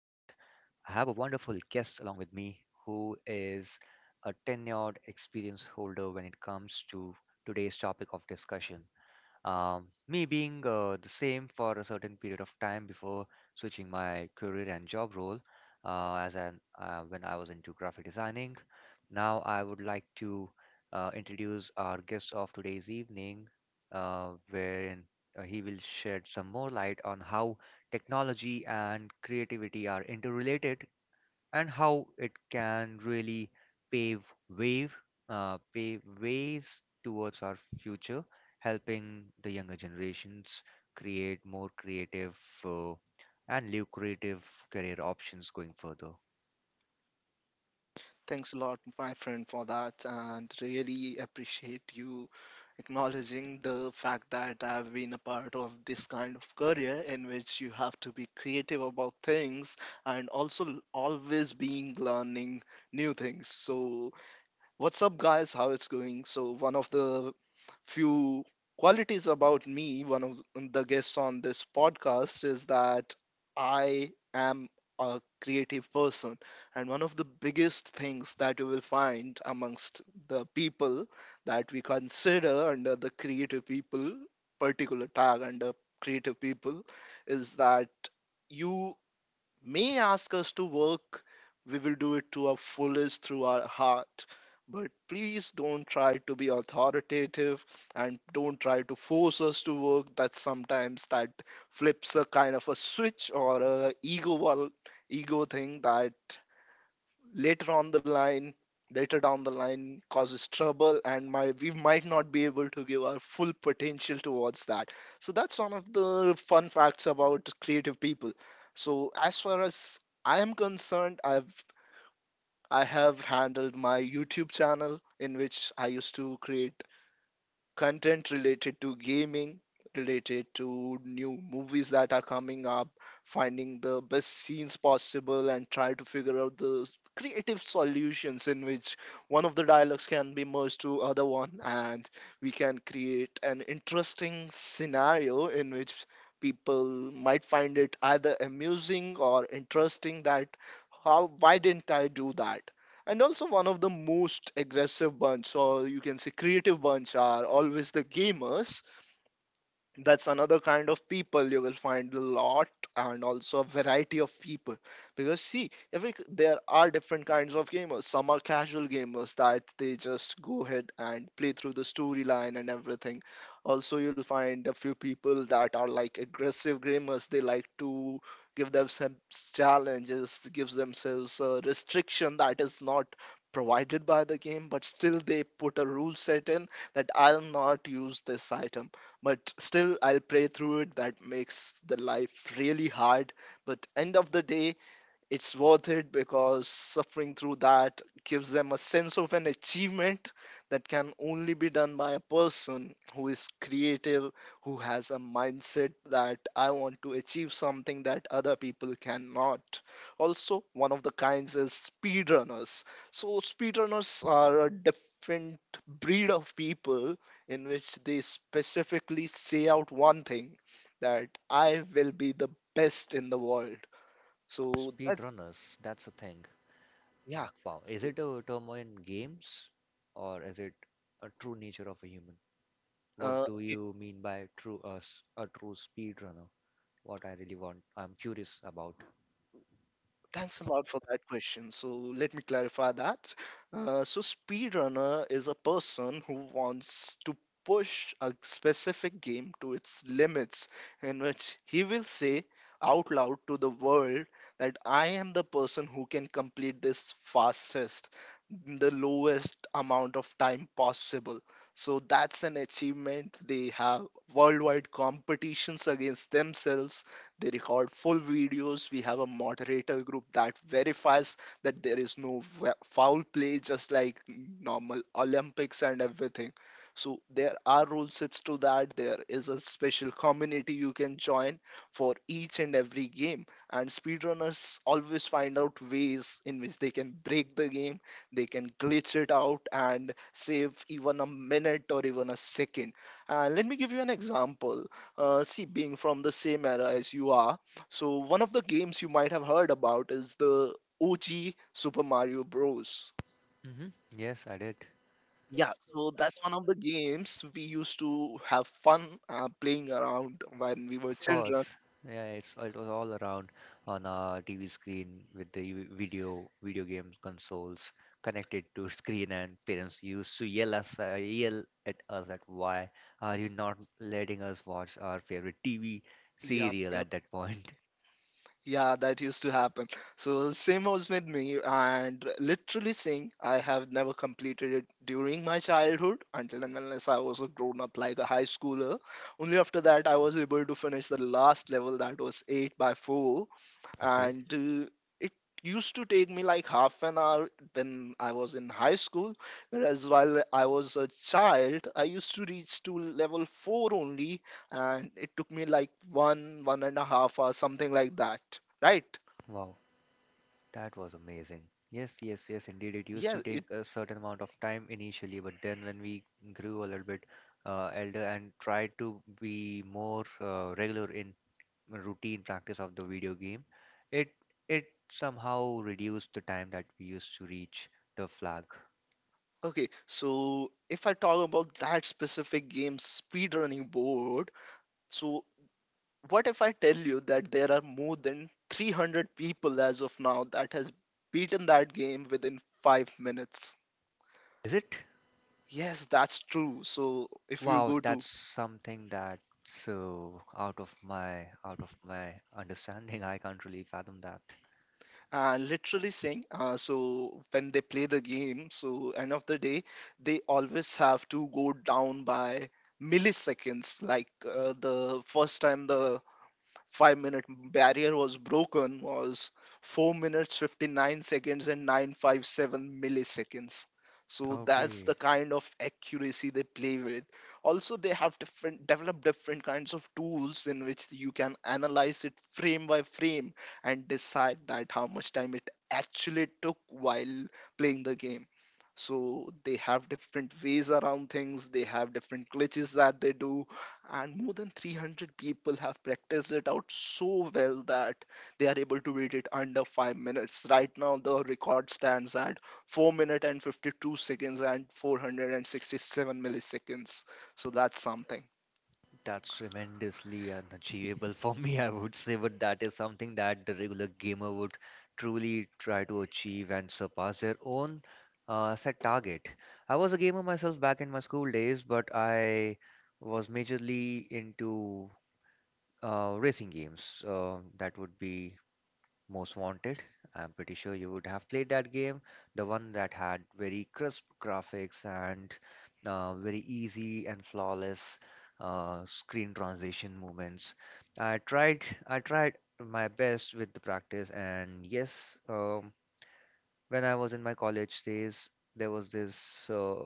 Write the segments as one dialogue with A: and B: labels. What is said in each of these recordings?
A: I have a wonderful guest along with me who is a tenured experience holder when it comes to today's topic of discussion, me being the same for a certain period of time before switching my career and job role as an when I was into graphic designing. Now I would like to introduce our guest of today's evening, wherein he will shed some more light on how technology and creativity are interrelated and how it can really pave wave pave ways towards our future, helping the younger generations create more creative, uh, and lucrative career options going further.
B: Thanks a lot, my friend, for that, and really appreciate you acknowledging the fact that I've been a part of this kind of career in which you have to be creative about things and also always being learning new things. So, what's up, guys? How it's going? So, one of the few qualities about me, one of the guests on this podcast, is that I am a creative person. And one of the biggest things that you will find amongst the people that we consider under the creative people, particular tag under creative people, is that you may ask us to work, we will do it to our fullest through our heart. But please don't try to be authoritative and don't try to force us to work. That sometimes that flips a kind of a switch or a ego wall, ego thing that later on the line later down the line causes trouble, and my we might not be able to give our full potential towards that. So that's one of the fun facts about creative people. So as far as I am concerned, I have handled my YouTube channel in which I used to create content related to gaming, related to new movies that are coming up, finding the best scenes possible, and try to figure out the creative solutions in which one of the dialogues can be merged to other one, and we can create an interesting scenario in which people might find it either amusing or interesting that how why didn't I do that? And also, one of the most aggressive bunch, or you can say creative bunch, are always the gamers. That's another kind of people you will find a lot, and also a variety of people. Because see every there are different kinds of gamers. Some are casual gamers that they just go ahead and play through the storyline and everything. Also, you'll find a few people that are like aggressive gamers. They like to give themselves challenges, gives themselves a restriction that is not provided by the game, but still they put a rule set in that I'll not use this item but still I'll pray through it. That makes the life really hard, but end of the day it's worth it, because suffering through that gives them a sense of an achievement that can only be done by a person who is creative, who has a mindset that I want to achieve something that other people cannot. Also, one of the kinds is speedrunners. So, speedrunners are a different breed of people in which they specifically say out one thing, that I will be the best in the world. So that's.
A: Speedrunners, that's the thing.
B: Yeah.
A: Wow, is
B: Cool.
A: it a term in games, or is it a true nature of a human? What
B: Uh,
A: do you mean by a true speedrunner? What I really want I'm curious about.
B: Thanks a lot for that question. So let me clarify that. So speedrunner is a person who wants to push a specific game to its limits, in which he will say out loud to the world that I am the person who can complete this fastest, in the lowest amount of time possible. So that's an achievement. They have worldwide competitions against themselves. They record full videos. We have a moderator group that verifies that there is no foul play, just like normal Olympics and everything. So there are rule sets to that. There is a special community you can join for each and every game. And speedrunners always find out ways in which they can break the game, they can glitch it out and save even a minute or even a second. And let me give you an example. See, being from the same era as you are, so one of the games you might have heard about is the OG Super Mario Bros.
A: Hmm. Yes, I did.
B: Yeah, so that's one of the games we used to have fun playing around when we were
A: Of course,
B: children.
A: yeah, it was all around on our TV screen with the video game consoles connected to screen, and parents used to yell at us at why are you not letting us watch our favorite TV
B: Yep,
A: serial
B: yep.
A: at that point?
B: Yeah, that used to happen. So same was with me, and literally saying I have never completed it during my childhood until and unless I was a grown up like a high schooler. Only after that I was able to finish the last level that was eight by four,
A: Okay,
B: and it used to take me like half an hour when I was in high school. Whereas while I was a child, I used to reach to level four only, and it took me like one, 1.5 hours, something like that. Right?
A: wow, that was amazing. Yes, yes, yes, indeed. It used to
B: Yeah. It.
A: take a certain amount of time initially, but then when we grew a little bit elder and tried to be more regular in routine practice of the video game, it it somehow reduced the time that we used to reach the flag.
B: Okay. So if I talk about that specific game, speedrunning board. So what if I tell you that there are more than 300 people as of now that has beaten that game within 5 minutes?
A: Is it?
B: Yes, that's true. So if you
A: Wow,
B: go to
A: that's something that's so out of my understanding. I can't really fathom that.
B: literally saying, so when they play the game, so end of the day, they always have to go down by milliseconds. The first time the 5-minute barrier was broken was 4 minutes 59 seconds and 957 milliseconds. So that's
A: Okay.
B: the kind of accuracy they play with. Also, they have different developed different kinds of tools in which you can analyze it frame by frame and decide that how much time it actually took while playing the game. So they have different ways around things, they have different glitches that they do, and more than 300 people have practiced it out so well that they are able to beat it under 5 minutes. Right now, the record stands at 4 minutes and 52 seconds and 467 milliseconds. So that's something.
A: That's tremendously unachievable for me, I would say, but that is something that the regular gamer would truly try to achieve and surpass their own, set target. I was a gamer myself back in my school days, but I was majorly into racing games. That would be Most Wanted. I'm pretty sure you would have played that game, the one that had very crisp graphics and very easy and flawless screen transition movements. I tried my best with the practice, and yes, when I was in my college days, there was this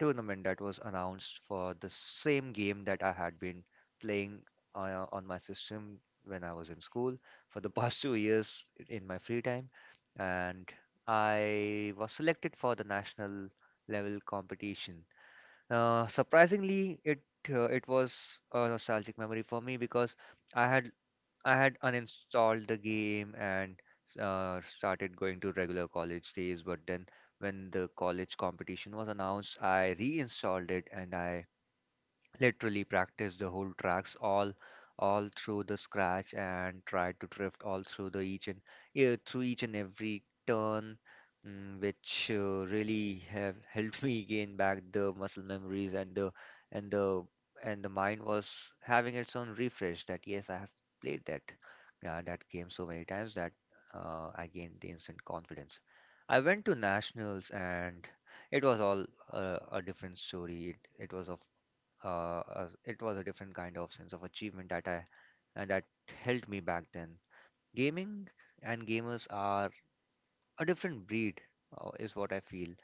A: tournament that was announced for the same game that I had been playing on my system when I was in school for the past 2 years in my free time. And I was selected for the national level competition. Surprisingly, it was a nostalgic memory for me because I had I had uninstalled the game and started going to regular college days. But then, when the college competition was announced, I reinstalled it and I literally practiced the whole tracks all through the scratch and tried to drift all through the each and yeah, through each and every turn, which really have helped me gain back the muscle memories, and and the the mind was having its own refresh that yes, I have played that game so many times that I gained the instant confidence. I went to nationals and it was all a different story. It was of as it was a different kind of sense of achievement that I and that held me back then. Gaming and gamers are a different breed, is what I feel.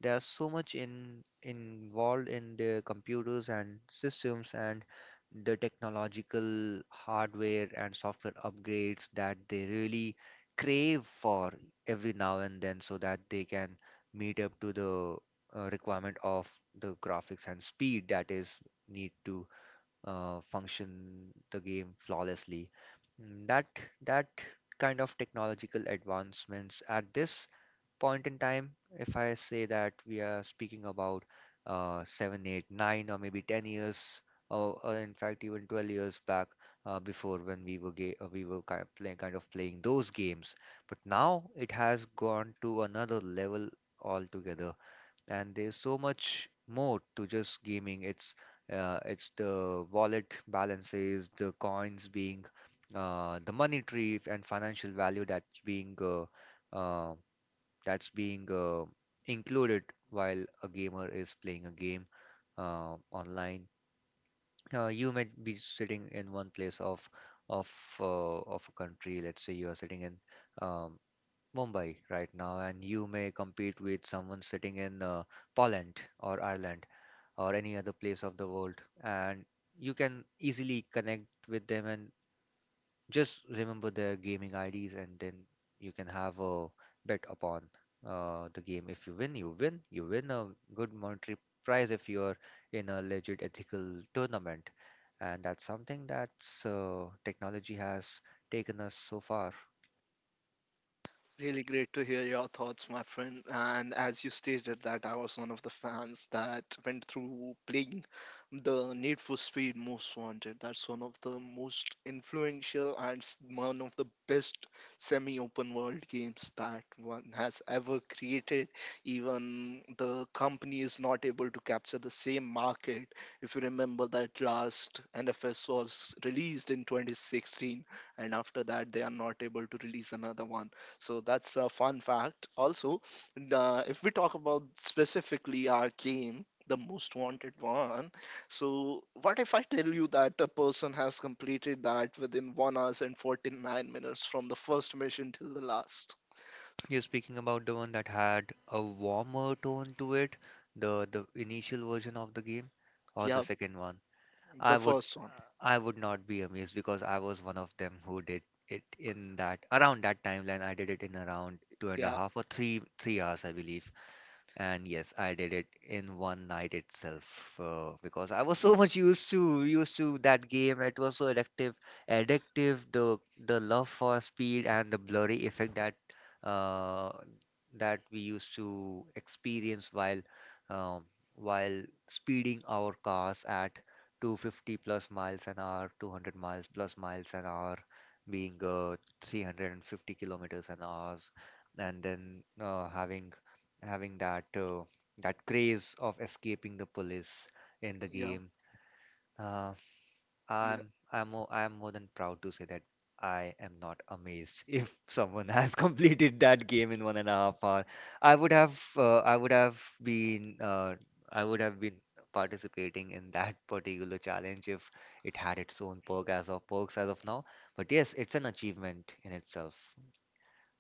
A: They are so much in involved in their computers and systems and the technological hardware and software upgrades that they really crave for every now and then so that they can meet up to the requirement of the graphics and speed that is need to function the game flawlessly. Mm, That that kind of technological advancements at this point in time, if I say that we are speaking about seven, eight, nine, or maybe 10 years, or in fact even 12 years back, before when we were ga- we were kind of playing those games, but now it has gone to another level altogether, and there's so much more to just gaming. It's the wallet balances, the coins being, the money tree and financial value that's uh, being included while a gamer is playing a game online. You may be sitting in one place of of a country. Let's say you are sitting in um, Mumbai right now, and you may compete with someone sitting in Poland or Ireland or any other place of the world, and you can easily connect with them and just remember their gaming IDs, and then you can have a bet upon the game. If you win, you win. You win a good monetary prize if you're in a legit ethical tournament, and that's something that's, technology has taken us so far.
B: Really great to hear your thoughts, my friend. And as you stated that I was one of the fans that went through playing the Need for Speed Most Wanted. That's one of the most influential and one of the best semi-open world games that one has ever created. Even the company is not able to capture the same market. If you remember that last NFS was released in 2016, and after that they are not able to release another one. So that's a fun fact. Also, if we talk about specifically our game, the most wanted one. So, what if I tell you that a person has completed that within 1 hours and 49 minutes from the first mission till the last?
A: You're speaking about the one that had a warmer tone to it, the initial version of the game, or the
B: Yeah,
A: second one?
B: the
A: I would
B: first one.
A: I would not be amazed because I was one of them who did it in that around that timeline. I did it in around two and a
B: Yeah,
A: half or three hours, I believe. And yes, I did it in one night itself because I was so much used to that game. It was so addictive. The love for speed and the blurry effect uh, that we used to experience while um, while speeding our cars at 250 plus miles an hour, 200 miles plus miles an hour, being 350 kilometers an hour, and then having that craze of escaping the police in the
B: yeah,
A: game. Uh,
B: yeah,
A: I'm more than proud to say that I am not amazed if someone has completed that game in 1.5 hour. I would have uh, I would have been uh, I would have been participating in that particular challenge if it had its own perks as of now. But yes, it's an achievement in itself.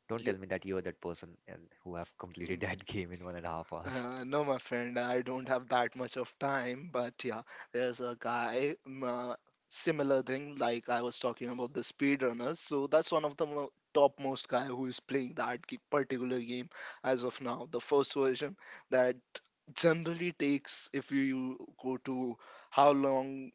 A: Don't
B: yeah.
A: tell me that you are that person and who have completed
B: Mm.
A: that game in 1.5 hours,
B: No, my friend, I don't have that much of time, but yeah, there's a guy, similar thing, like I was talking about the speedrunners. So that's one of the mo topmost guy who is playing that particular game as of now, the first version that generally takes, if you go to how long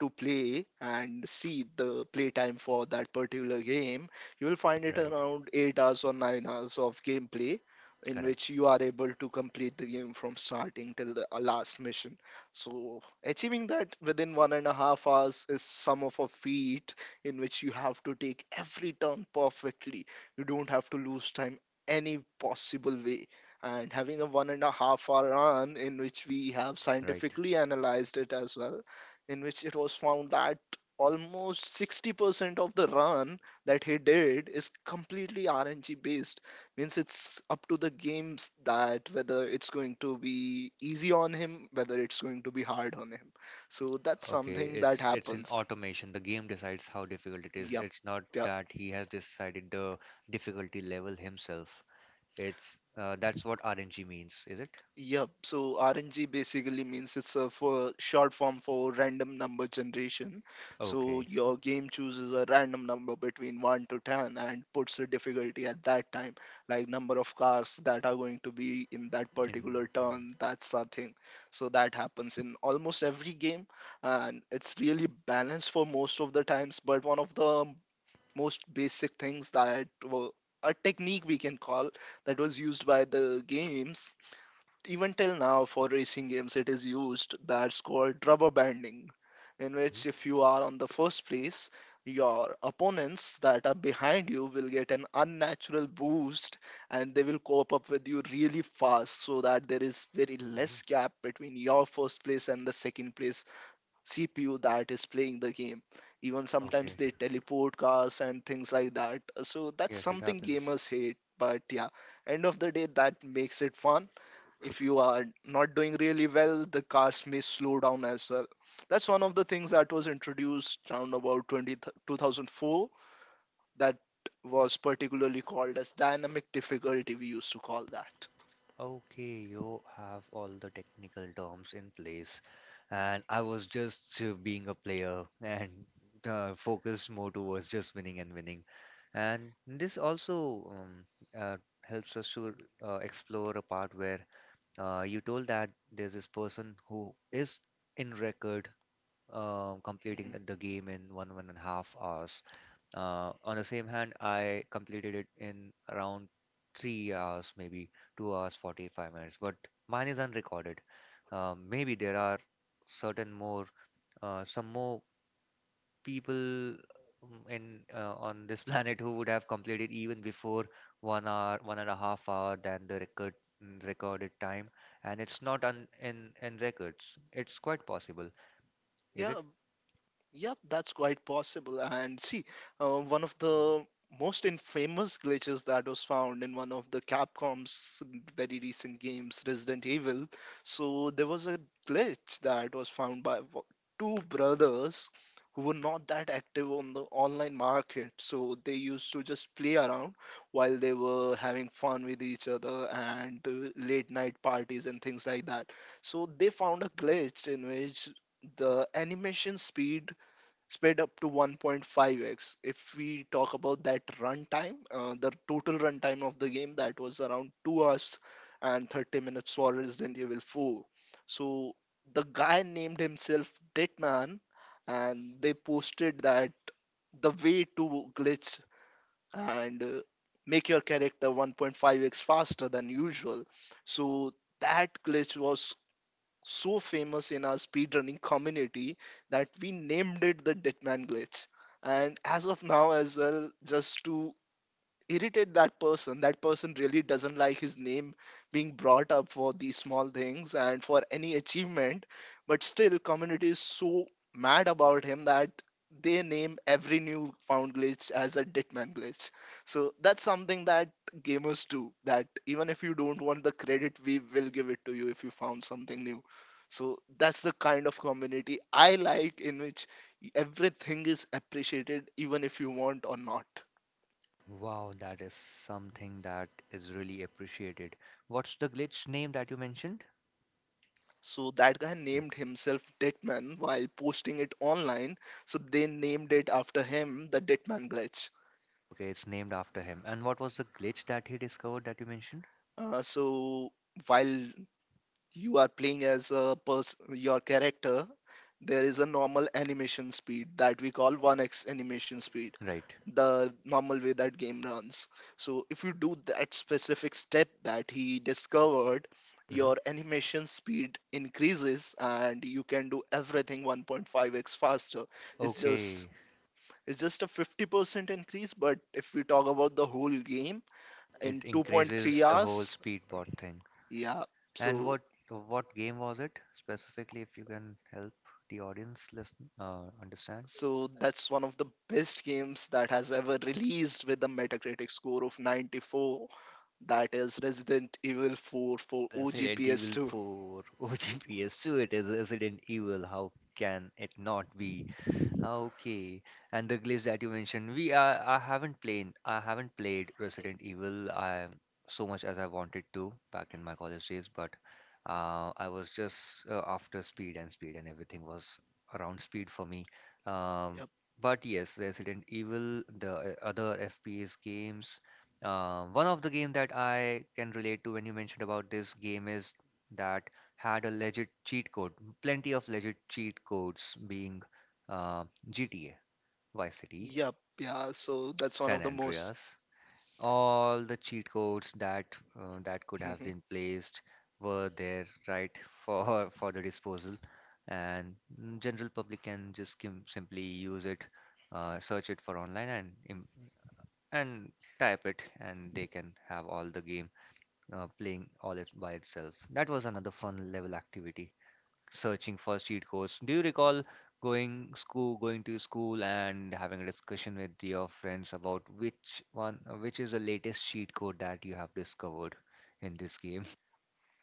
B: to play and see the playtime for that particular game, you will find it
A: right?
B: around 8 hours or 9 hours of gameplay in
A: Correct.
B: which you are able to complete the game from starting till the last mission. So, achieving that within 1.5 hours is some of a feat in which you have to take every turn perfectly. You don't have to lose time any possible way, and having a 1.5-hour run in which we have
A: Right.
B: scientifically analyzed it as well, in which it was found that almost 60% of the run that he did is completely RNG based. Means it's up to the games that whether it's going to be easy on him, whether it's going to be hard on him. So that's
A: Okay.
B: something that
A: It's in
B: happens.
A: automation. The game decides how difficult it is.
B: Yep.
A: It's not
B: Yep.
A: that he has decided the difficulty level himself. It's That's what RNG means, is it?
B: Yep. So RNG basically means it's a for short form for random number generation. So
A: Okay.
B: your game chooses a random number between 1 to 10 and puts a difficulty at that time, like number of cars that are going to be in that
A: In
B: particular
A: mhm.
B: turn. That's a thing. So that happens in almost every game, and it's really balanced for most of the times. But one of the most basic things that were a technique we can call that was used by the games even till now for racing games it is used, that's called rubber banding, in which
A: Mhm.
B: if you are on the first place, your opponents that are behind you will get an unnatural boost, and they will cope up with you really fast, so that there is very less gap between your first place and the second place CPU that is playing the game. Even sometimes
A: Okay.
B: they teleport cars and things like that, so that's
A: Yes, it
B: something
A: happens.
B: gamers hate. But yeah, end of the day that makes it fun. If you are not doing really well, the cars may slow down as well. That's one of the things that was introduced around about 2004, that was particularly called as dynamic difficulty, we used to call that.
A: Okay, you have all the technical terms in place, and I was just being a player and focused more towards just winning and winning. And this also, helps us to explore a part where you told that there's this person who is in record completing
B: Mhm.
A: the game in 1.5 hours. On the same hand, I completed it in around 3 hours, maybe 2 hours, 45 minutes, but mine is unrecorded. Maybe there are certain more, some more people, mm, in on this planet who would have completed even before 1 hour, 1.5 hour than the recorded time, and it's not on in records. It's quite possible, is it?
B: Yeah. Yep, that's quite possible. And see, one of the most infamous glitches that was found in one of the Capcom's very recent games, Resident Evil. So there was a glitch that was found by two brothers who were not that active on the online market. So they used to just play around while they were having fun with each other and late night parties and things like that. So they found a glitch in which the animation speed sped up to 1.5x. If we talk about that runtime, the total runtime of the game that was around 2 hours and 30 minutes for Resident Evil 4. So the guy named himself Deadman and they posted that the way to glitch and make your character 1.5x faster than usual. So that glitch was so famous in our speedrunning community that we named it the Ditman glitch. And as of now, as well, just to irritate that person. That person really doesn't like his name being brought up for these small things and for any achievement. But still, community is so mad about him that they name every new found glitch as a Ditman glitch. So that's something that gamers do. That even if you don't want the credit, we will give it to you if you found something new. So that's the kind of community I like in which everything is appreciated, even if you want or not.
A: Wow, that is something that is really appreciated. What's the glitch name that you mentioned?
B: So that guy
A: Mm.
B: named himself Ditman while posting it online. So they named it after him, the Ditman glitch.
A: Okay, it's named after him. And what was the glitch that he discovered that you mentioned?
B: So while you are playing as a person, your character, there is a normal animation speed that we call 1x animation speed,
A: Right.
B: the normal way that game runs. So if you do that specific step that he discovered,
A: Hmm.
B: your animation speed increases and you can do everything 1.5x faster. it's just
A: Okay,
B: It's just a 50% increase, but if we talk about the whole game in
A: it increases
B: 2.3
A: the whole
B: hours.
A: speedbot thing.
B: Yeah,
A: And
B: so
A: what game was it specifically? If you can help the audience understand.
B: so that's one of the best games that has ever released with a Metacritic score of 94. That is Resident Evil 4 for
A: Resident
B: OGPS
A: Evil
B: 2.
A: 4 OG PS2. It is Resident Evil. How can it not be? Okay, and the glitch that you mentioned, we I haven't played Resident Evil I so much as I wanted to back in my college days, but I was just after speed and speed and everything was around speed for me. Um,
B: Yep,
A: but yes, Resident Evil, the other FPS games, one of the game that I can relate to when you mentioned about this game is that had a legit cheat code, plenty of legit cheat codes being. Um, GTA, Vice City,
B: yep, yeah. So that's one
A: San
B: of the most.
A: Andreas. All the cheat codes that that could have been placed were there right for for the disposal, and general public can just simply use it, search it for online and im- and type it, and they can have all the game playing all it by itself. That was another fun level activity, searching for cheat codes. Do you recall going to school and having a discussion with your friends about which is the latest cheat code that you have discovered in this game?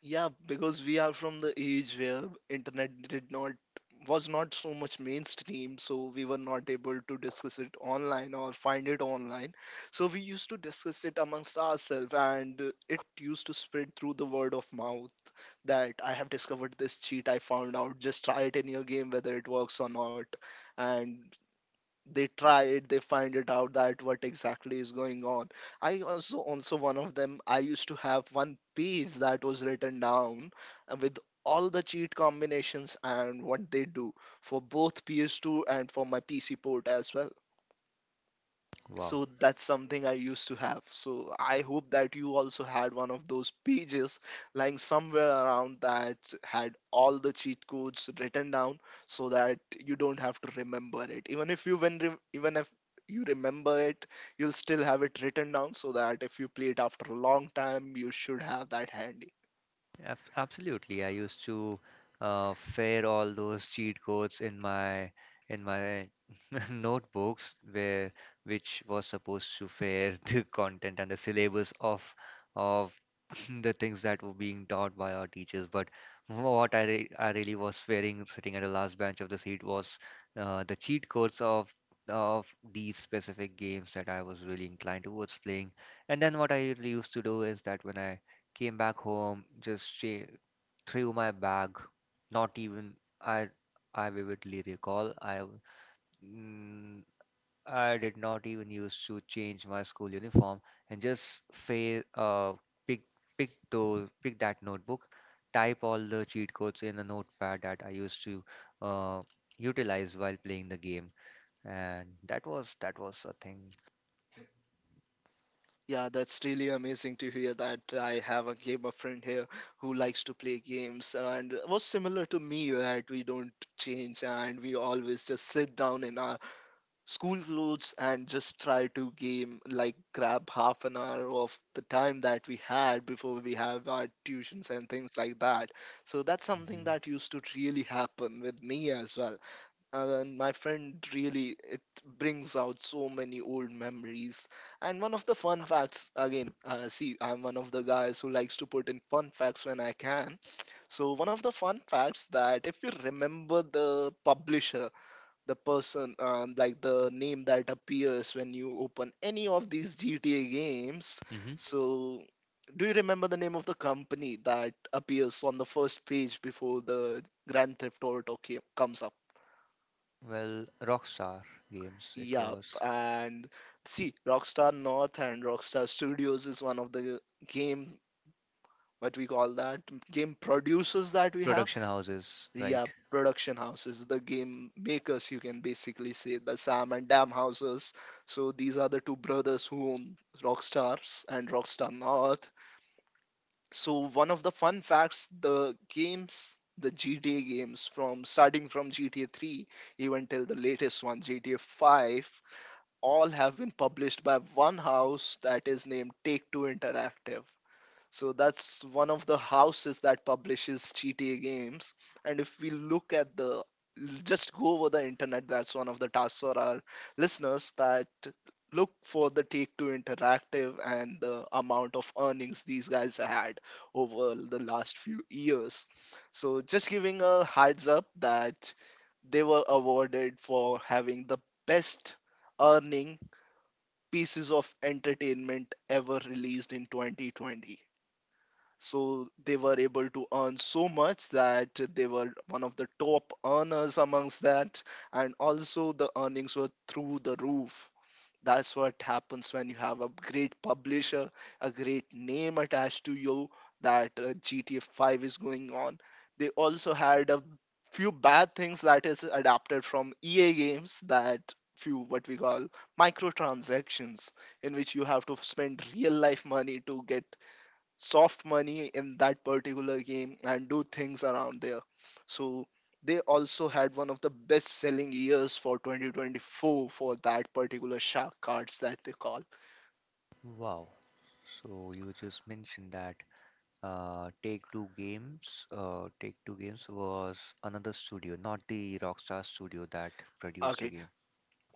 B: Yeah, because we are from the age where internet did not was not so much mainstream, so we were not able to discuss it online or find it online. So we used to discuss it amongst ourselves, and it used to spread through the word of mouth that I have discovered this cheat I found out. Just try it in your game whether it works or not. And they try it, they find it out that what exactly is going on. I also one of them. I used to have one page that was written down with all the cheat combinations and what they do for both PS2 and for my pc port as well.
A: Wow.
B: So that's something I used to have. So I hope that you also had one of those pages lying somewhere around that had all the cheat codes written down so that you don't have to remember it. Even if you remember it, you'll still have it written down so that if you play it after a long time, you should have that handy.
A: Af- Absolutely. I used to fare all those cheat codes in my notebooks where which was supposed to fare the content and the syllabus of the things that were being taught by our teachers. But what I really was fearing sitting at the last bench of the seat was the cheat codes of these specific games that I was really inclined towards playing. And then what I really used to do is that when I came back home, just threw my bag. Not even I I vividly recall mm, I did not even used to change my school uniform and just fa pick pick that notebook, type all the cheat codes in a notepad that I used to uh utilize while playing the game. And that was a thing.
B: Yeah, that's really amazing to hear that I have a gamer friend here who likes to play games and was similar to me that we don't change and we always just sit down in our school clothes and just try to game, like grab half an hour of the time that we had before we have our tuitions and things like that. So that's something that
A: Hmm.
B: used to really happen with me as well. And my friend, really it brings out so many old memories. And one of the fun facts again, see, I'm one of the guys who likes to put in fun facts when I can. So one of the fun facts, that if you remember the publisher, the person, like the name that appears when you open any of these GTA games,
A: Hmm.
B: so do you remember the name of the company that appears on the first page before the Grand Theft Auto ca- comes up?
A: Well, Rockstar Games it
B: Yup,
A: was.
B: and see, Rockstar North and Rockstar Studios is one of the game, what we call that, game producers that we have.
A: Production houses, right?
B: Yeah, production houses, the game makers, you can basically say, the Sam and Dam houses. So these are the two brothers who own Rockstars and Rockstar North. So one of the fun facts, the games, the GTA games from starting from GTA 3 even till the latest one, GTA 5, all have been published by one house that is named Take Two Interactive. So that's one of the houses that publishes GTA games. And if we look at the, just go over the internet, that's one of the tasks for our listeners, that look for the Take Two Interactive and the amount of earnings these guys had over the last few years. So just giving a heads up that they were awarded for having the best earning pieces of entertainment ever released in 2020. So they were able to earn so much that they were one of the top earners amongst that, and also the earnings were through the roof. That's what happens when you have a great publisher, a great name attached to you, that GTA 5 is going on. They also had a few bad things that is adapted from EA games, that few what we call microtransactions, in which you have to spend real life money to get soft money in that particular game and do things around there. So they also had one of the best selling years for 2024 for that particular shark cards that they call.
A: Wow. So you just mentioned that Take Two Games, Take Two Games was another studio, not the Rockstar studio that produced the
B: Okay,
A: game.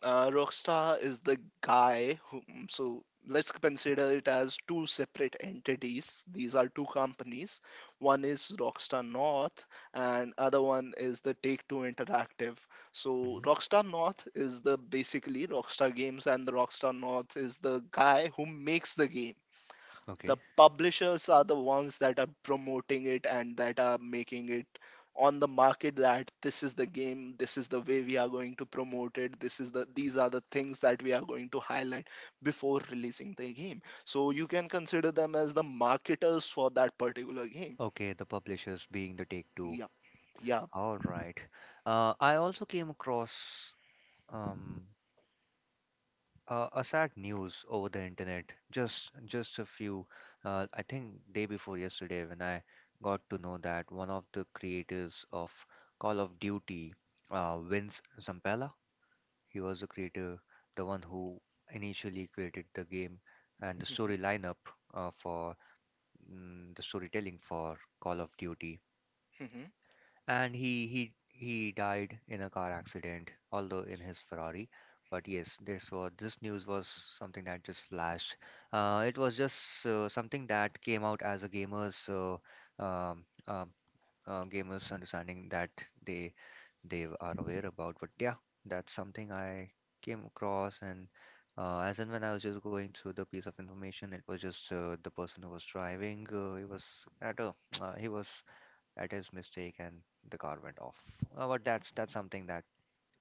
B: Rockstar is the guy who, so let's consider it as two separate entities. These are two companies. One is Rockstar North, and other one is the Take-Two Interactive. So
A: Hmm.
B: Rockstar North is the basically Rockstar Games, and the Rockstar North is the guy who makes the game. The
A: Okay.
B: publishers are the ones that are promoting it and that are making it on the market, that this is the game, this is the way we are going to promote it, this is the, these are the things that we are going to highlight before releasing the game. So you can consider them as the marketers for that particular game.
A: Okay, the publishers being the Take Two.
B: Yeah, yeah.
A: All right. I also came across um, a sad news over the internet, just a few, I think, day before yesterday, when I got to know that one of the creators of Call of Duty, Vince Zampella. He was the creator, the one who initially created the game and the story lineup, uh, for the storytelling for Call of Duty. And he died in a car accident, although in his Ferrari. But yes, this news was something that just flashed. It was just something that came out as a gamer's um, um, gamers understanding that they they are aware about. But yeah, that's something I came across. And as and when I was just going through the piece of information, it was just, the person who was driving, he was at a he was at his mistake and the car went off. But that's something that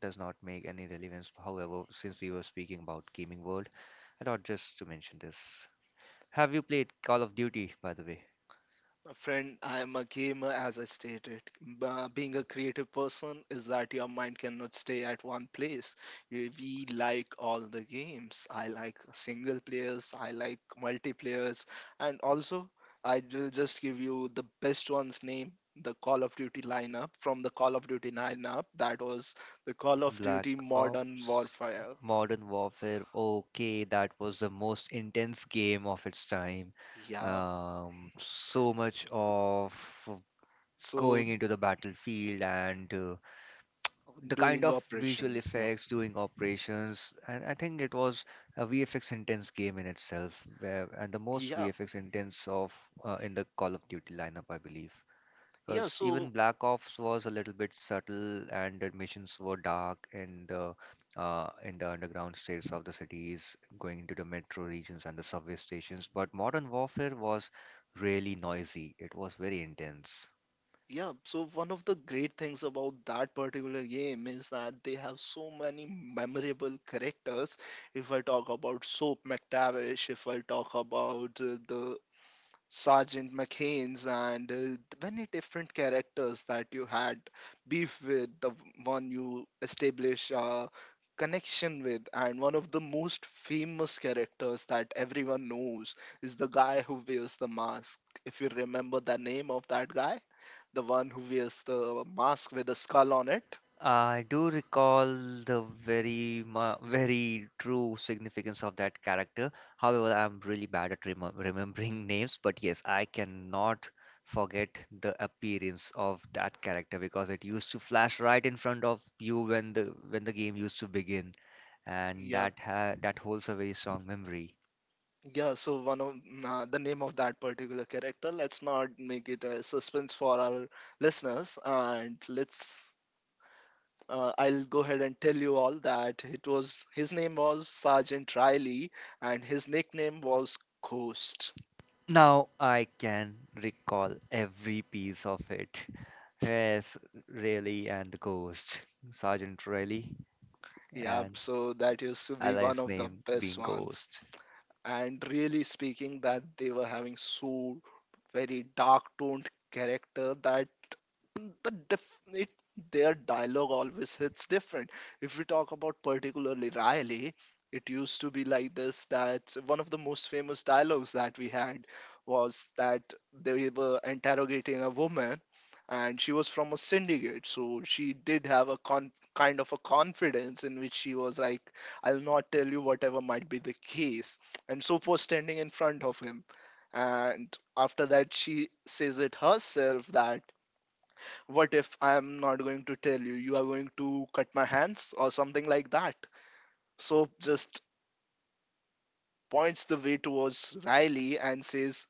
A: does not make any relevance. However, since we were speaking about gaming world, I thought just to mention this. Have you played Call of Duty, by the way?
B: Friend, I am a gamer, as I stated. Being a creative person is that your mind cannot stay at one place. We like all the games. I like single players, I like multiplayers, and also I will just give you the best one's name, the Call of Duty lineup. From the Call of Duty lineup, that was the Call of
A: Black
B: Duty Modern
A: Ops,
B: Warfare.
A: Modern Warfare. Okay, that was the most intense game of its time.
B: Yeah.
A: So much of
B: So
A: going into the battlefield and, the kind
B: doing
A: of visual
B: operations. Yep.
A: effects, doing operations. And I think it was a VFX intense game in itself, where, and the most
B: Yeah.
A: VFX intense of, in the Call of Duty lineup, I believe,
B: Yeah.
A: because even
B: So.
A: Black Ops was a little bit subtle, and the missions were dark in the, in the underground states of the cities, going into the metro regions and the subway stations. But Modern Warfare was really noisy, it was very intense.
B: Yeah, so one of the great things about that particular game is that they have so many memorable characters. If I talk about Soap McTavish, if I talk about the Sergeant McHaines, and many different characters that you had beef with, the one you establish a connection with, and one of the most famous characters that everyone knows is the guy who wears the mask. If you remember the name of that guy, the one who wears the mask with the skull on it.
A: I do recall the very mu very true significance of that character. However, I'm really bad at remembering names, but yes, I cannot forget the appearance of that character, because it used to flash right in front of you when the game used to begin, and
B: Yeah,
A: that holds a very strong memory.
B: yeah. So one of, the name of that particular character. Let's not make it a suspense for our listeners, and let's. I'll go ahead and tell you all that it was, his name was Sergeant Riley, and his nickname was Ghost.
A: Now I can recall every piece of it. Yes, Rayleigh and the Ghost, Sergeant Rayleigh.
B: Yeah,
A: And
B: so that used to be one
A: Ally's
B: of the
A: name
B: best
A: being
B: ones.
A: Ghost.
B: And really speaking, that they were having so very dark toned character that the dif- it, their dialogue always hits different. If we talk about particularly Riley, it used to be like this, that one of the most famous dialogues that we had was that they were interrogating a woman, and she was from a syndicate, so she did have a kind of a confidence in which she was like, I'll not tell you whatever might be the case, and Soap was standing in front of him, and after that she says it herself that, what if I'm not going to tell you? You are going to cut my hands or something like that. So just points the way towards Riley and says,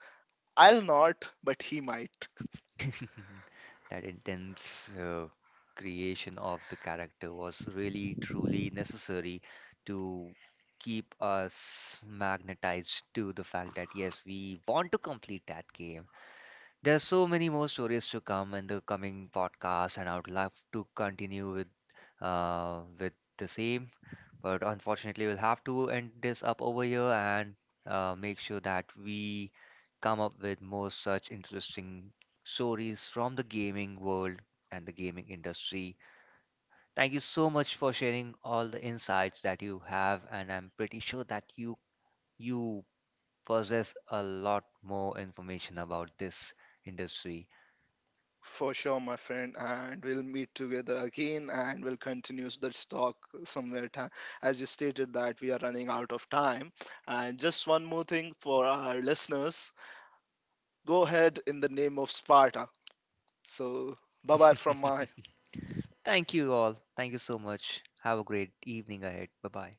B: I'll not, but he might.
A: That intense creation of the character was really truly necessary to keep us magnetized to the fact that yes, we want to complete that game. There's so many more stories to come in the coming podcast, and I would love to continue with, with the same. But unfortunately, we'll have to end this up over here and make sure that we come up with more such interesting stories from the gaming world and the gaming industry. Thank you so much for sharing all the insights that you have, and I'm pretty sure that you possess a lot more information about this industry.
B: For sure, my friend, and we'll meet together again and we'll continue this talk somewhere. Time." As you stated, that we are running out of time. And just one more thing for our listeners, go ahead in the name of Sparta. So, bye bye from my
A: Thank you all. Thank you so much. Have a great evening ahead. Bye bye.